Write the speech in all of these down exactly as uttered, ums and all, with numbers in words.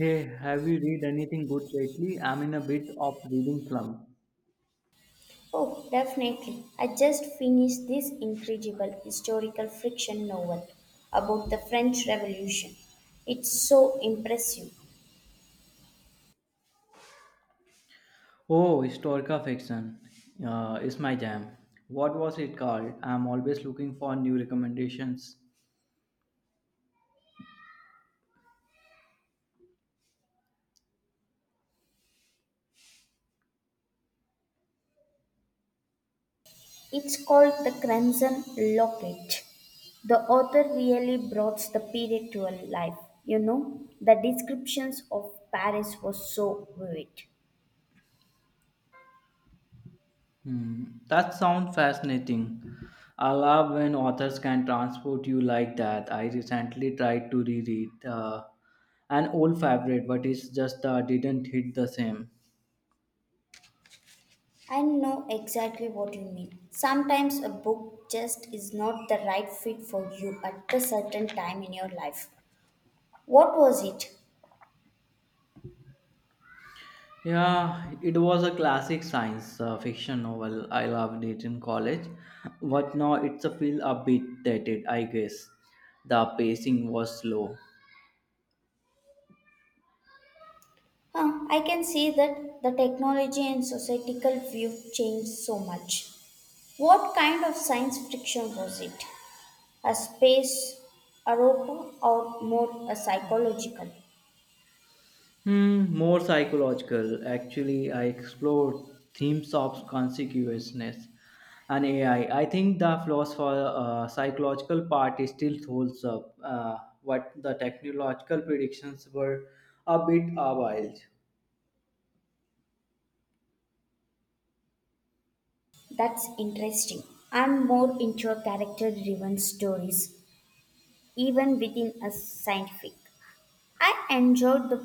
Hey, have you read anything good lately? I'm in a bit of reading slump. Oh, definitely. I just finished this incredible historical fiction novel about the French Revolution. It's so impressive. Oh, historical fiction uh, is my jam. What was it called? I'm always looking for new recommendations. It's called The Crimson Locket. The author really brought the period to life. You know, the descriptions of Paris were so vivid. Hmm, that sounds fascinating. I love when authors can transport you like that. I recently tried to reread uh, an old favorite, but it's just uh, didn't hit the same. I know exactly what you mean. Sometimes a book just is not the right fit for you at the certain time in your life. What was it? Yeah, it was a classic science uh, fiction novel. I loved it in college, but now it's a feel a bit dated, I guess. The pacing was slow. Huh, I can see that the technology and societal view changed so much. What kind of science fiction was it? A space opera or more a psychological? Hmm, more psychological. Actually, I explored themes of consciousness and A I. I I think the philosopher uh, psychological part is still holds up, uh, but the technological predictions were a bit wild. That's interesting. I'm more into character driven stories, even within a scientific. I enjoyed the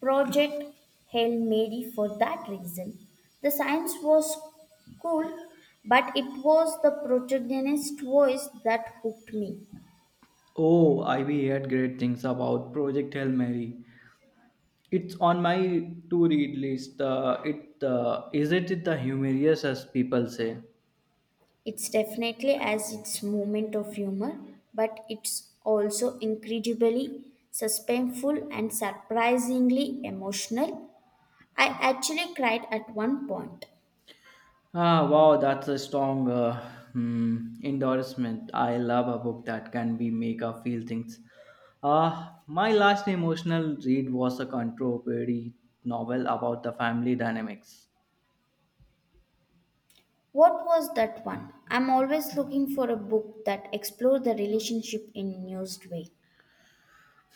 project Hail Mary for that reason. The science was cool, but it was the protagonist's voice that hooked me. Oh, I we heard great things about Project Hail Mary. It's on my to read list. Uh, it uh, isn't it the humorous as people say. It's definitely as its moment of humor, but it's also incredibly suspenseful and surprisingly emotional. I actually cried at one point. Ah, wow, that's a strong uh, hmm, endorsement. I love a book that can be make us feel things. Ah, my last emotional read was a contemporary novel about the family dynamics. What was that one? I'm always looking for a book that explores the relationship in a nuanced way.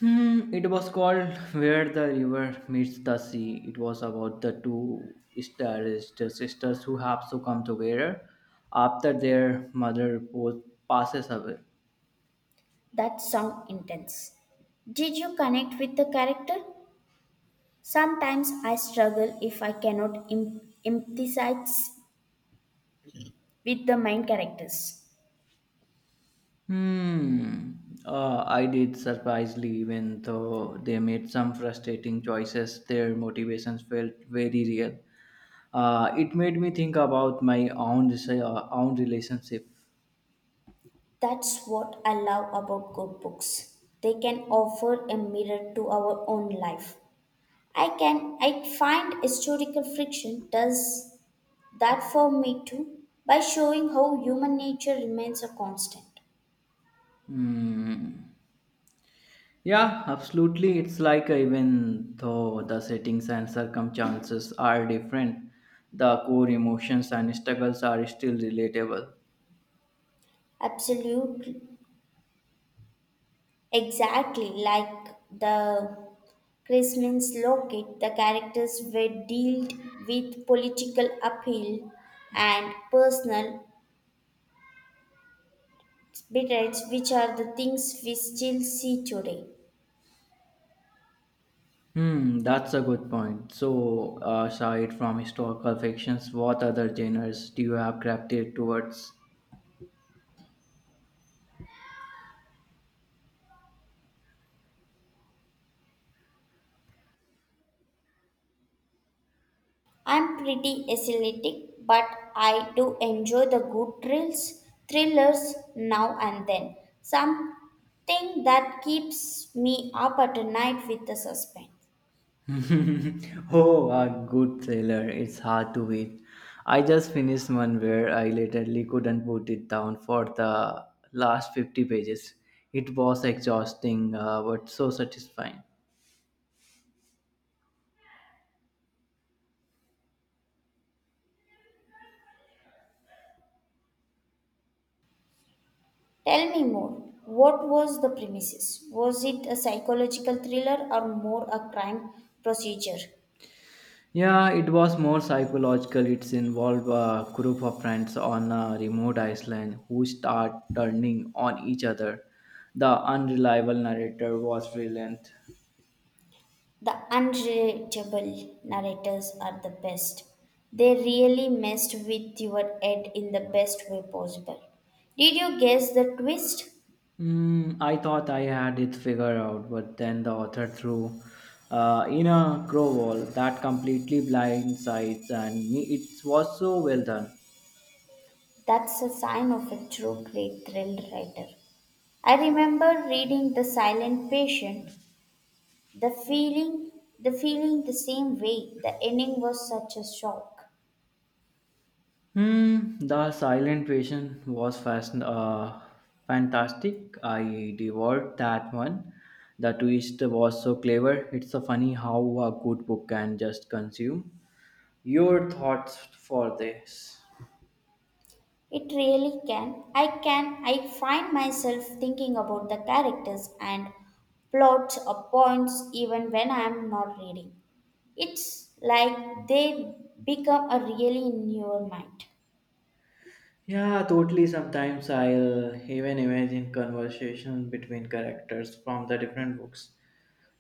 Hmm, it was called Where the River Meets the Sea. It was about the two stylist sisters who have to come together after their mother po- passes away. That sound intense. Did you connect with the character? Sometimes I struggle if I cannot em- empathize with the main characters. Hmm, uh, I did surprisingly, even though they made some frustrating choices, their motivations felt very real. Uh, it made me think about my own, desi- uh, own relationship. That's what I love about good books. They can offer a mirror to our own life. I can I find historical fiction does that for me too by showing how human nature remains a constant. Hmm. Yeah, absolutely. It's like uh, even though the settings and circumstances are different, the core emotions and struggles are still relatable. Absolutely, exactly like the Chris means the characters were dealt with political appeal and personal betrayals, which are the things we still see today. Hmm, that's a good point. So, uh, aside from historical fictions, what other genres do you have gravitated towards? I'm pretty athletic, but I do enjoy the good thrills, thrillers now and then. Something that keeps me up at night with the suspense. oh, a good thriller. It's hard to beat. I just finished one where I literally couldn't put it down for the last fifty pages. It was exhausting, uh, but so satisfying. Tell me more. What was the premises? Was it a psychological thriller or more a crime procedure? Yeah, it was more psychological. It's involved a group of friends on a remote island who start turning on each other. The unreliable narrator was brilliant. The unrelatable narrators are the best. They really messed with your head in the best way possible. Did you guess the twist? Mm, I thought I had it figured out, but then the author threw uh, in a crow wall that completely blindsides and me. It was so well done. That's a sign of a true great thrill writer. I remember reading The Silent Patient, the feeling the feeling the same way. The ending was such a shock. Hmm, the silent patient was fast, uh, fantastic. I devoured that one. The twist was so clever. It's so funny how a good book can just consume your thoughts for this. It really can. I can. I find myself thinking about the characters and plots or points even when I am not reading. It's like they become a really in your mind. Yeah, totally. Sometimes I'll even imagine conversation between characters from the different books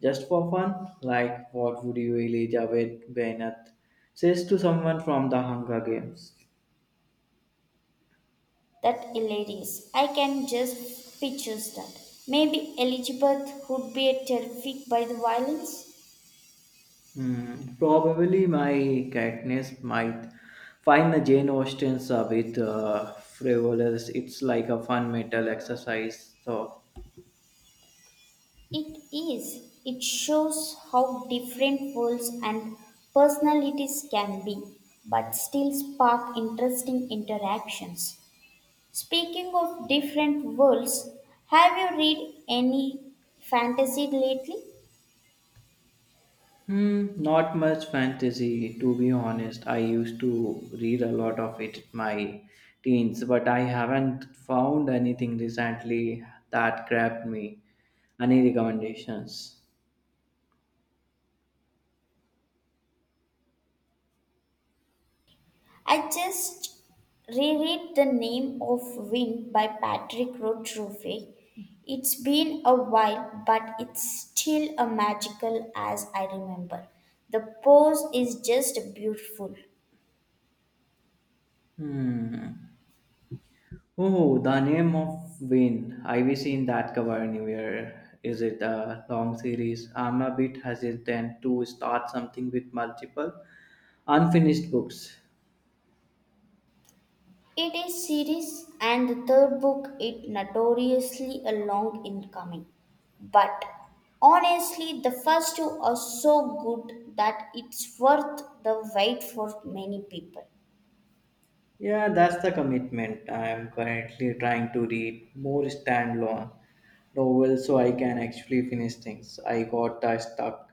just for fun. Like, what would you Elijah Javed Benat says to someone from the Hunger Games? That hilarious. I can just picture that. Maybe Elizabeth would be terrified by the violence. Hmm, probably my Katniss might find the Jane Austen's uh, with uh, frivolous. It's like a fun mental exercise. So It is. It shows how different worlds and personalities can be, but still spark interesting interactions. Speaking of different worlds, have you read any fantasy lately? hmm, not much fantasy, to be honest. I used to read a lot of it in my teens, but I haven't found anything recently that grabbed me. Any recommendations? I just reread The Name of Wind by Patrick Rothfuss. It's been a while, but it's still a magical as I remember. The prose is just beautiful. Hmm. Oh, the name of Wayne. Have you seen that cover anywhere? Is it a long series? I'm a bit hesitant to start something with multiple unfinished books. It is series and the third book it notoriously a long incoming. But honestly the first two are so good that it's worth the wait for many people. Yeah, that's the commitment. I am currently trying to read more standalone novels so I can actually finish things. I got a stuck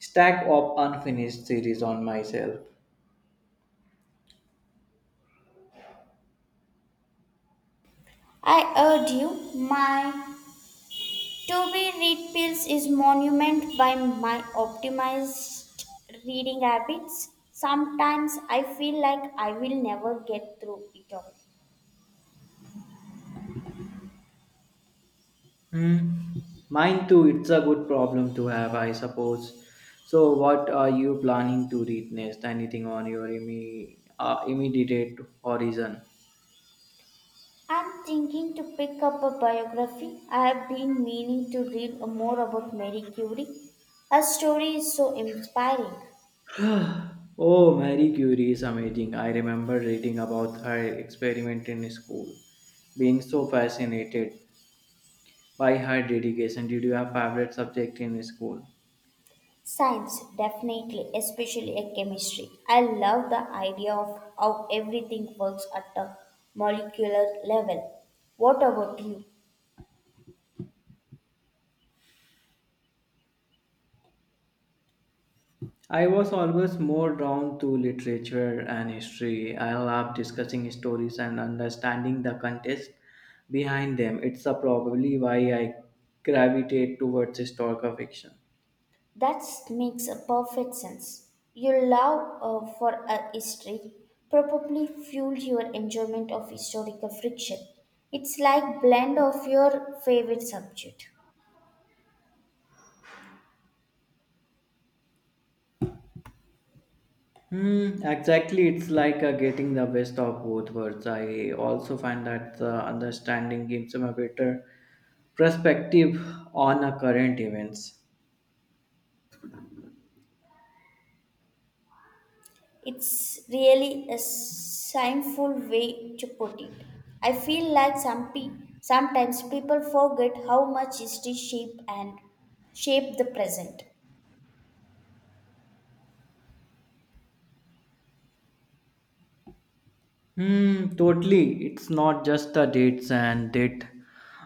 stack of unfinished series on myself. I urge you my to be read pills is monument by my optimized reading habits. Sometimes I feel like I will never get through it all. Hmm. Mine too, it's a good problem to have, I suppose. So, what are you planning to read next? Anything on your imme- uh, immediate horizon? I'm thinking to pick up a biography. I have been meaning to read more about Marie Curie. Her story is so inspiring. Oh, Marie Curie is amazing. I remember reading about her experiment in school, being so fascinated by her dedication. Did you have favorite subject in school? Science, definitely, especially a chemistry. I love the idea of how everything works at a molecular level. What about you? I was always more drawn to literature and history. I love discussing stories and understanding the context behind them. It's a probably why I gravitate towards historical fiction. That makes a perfect sense. Your love uh, for uh, history probably fueled your enjoyment of historical fiction. It's like blend of your favorite subject. Hmm, exactly. It's like uh, getting the best of both worlds. I also find that uh, understanding gives them a better perspective on uh, current events. It's really a shameful way to put it. I feel like some pe- sometimes people forget how much history shape and shape the present. Hmm, totally. It's not just the dates and date,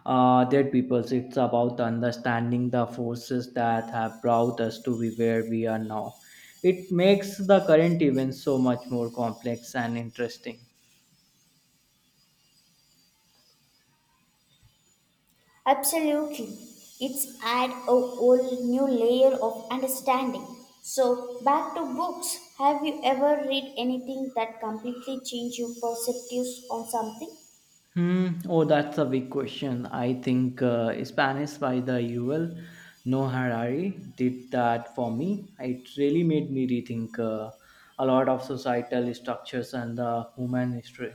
uh, dead peoples. It's about understanding the forces that have brought us to be where we are now. It makes the current events so much more complex and interesting. Absolutely. It's add a whole new layer of understanding. So back to books. Have you ever read anything that completely changed your perspectives on something? Hmm. Oh, that's a big question. I think uh, Spanish by the U L, No Harari, did that for me. It really made me rethink uh, a lot of societal structures and the human history.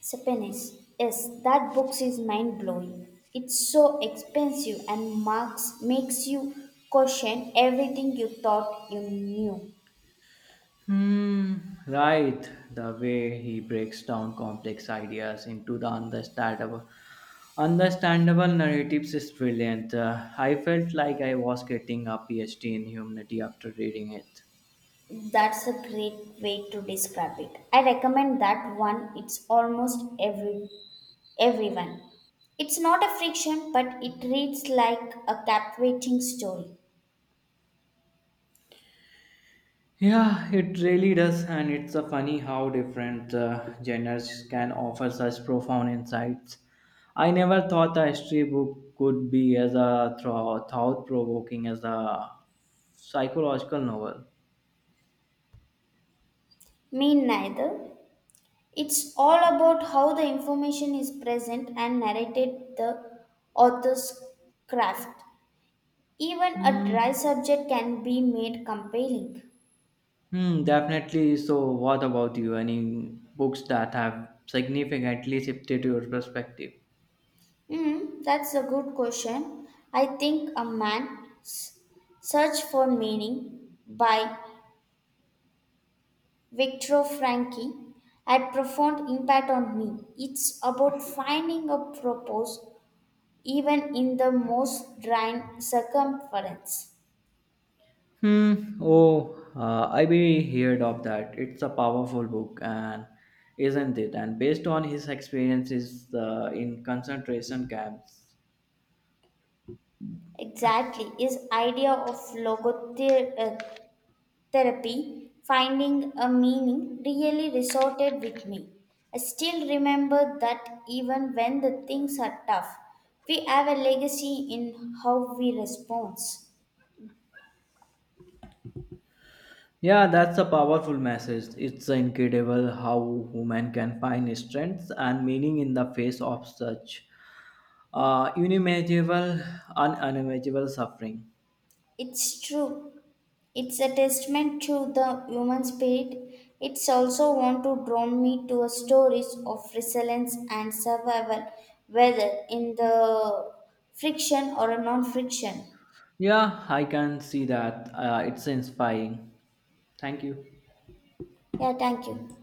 Sapiens. Yes, that book is mind blowing. It's so expensive and marks makes you question everything you thought you knew. Hmm. Right. The way he breaks down complex ideas into the understandable, understandable narratives is brilliant. Uh, I felt like I was getting a P H D in humanity after reading it. That's a great way to describe it. I recommend that one. It's almost every Everyone. It's not a friction, but it reads like a captivating story. Yeah, it really does, and it's a funny how different uh, genres can offer such profound insights. I never thought a history book could be as a thought-provoking as a psychological novel. Me neither. It's all about how the information is present and narrated the author's craft. Even a dry subject can be made compelling. Hmm, definitely. So, what about you? Any books that have significantly shifted your perspective? Hmm, that's a good question. I think a man's search for meaning by Victor Frankie had profound impact on me. It's about finding a purpose even in the most drying circumference. Hmm. Oh, uh, I be heard of that. It's a powerful book, and isn't it? And based on his experiences uh, in concentration camps. Exactly, his idea of logotherapy, finding a meaning, really resorted with me. I still remember that even when the things are tough, we have a legacy in how we respond. Yeah, that's a powerful message. It's incredible how human can find strength and meaning in the face of such uh, unimaginable, un- unimaginable suffering. It's true. It's a testament to the human spirit. It's also want to draw me to a stories of resilience and survival, whether in the friction or a non-friction. Yeah, I can see that. Uh, it's inspiring. Thank you. Yeah, thank you.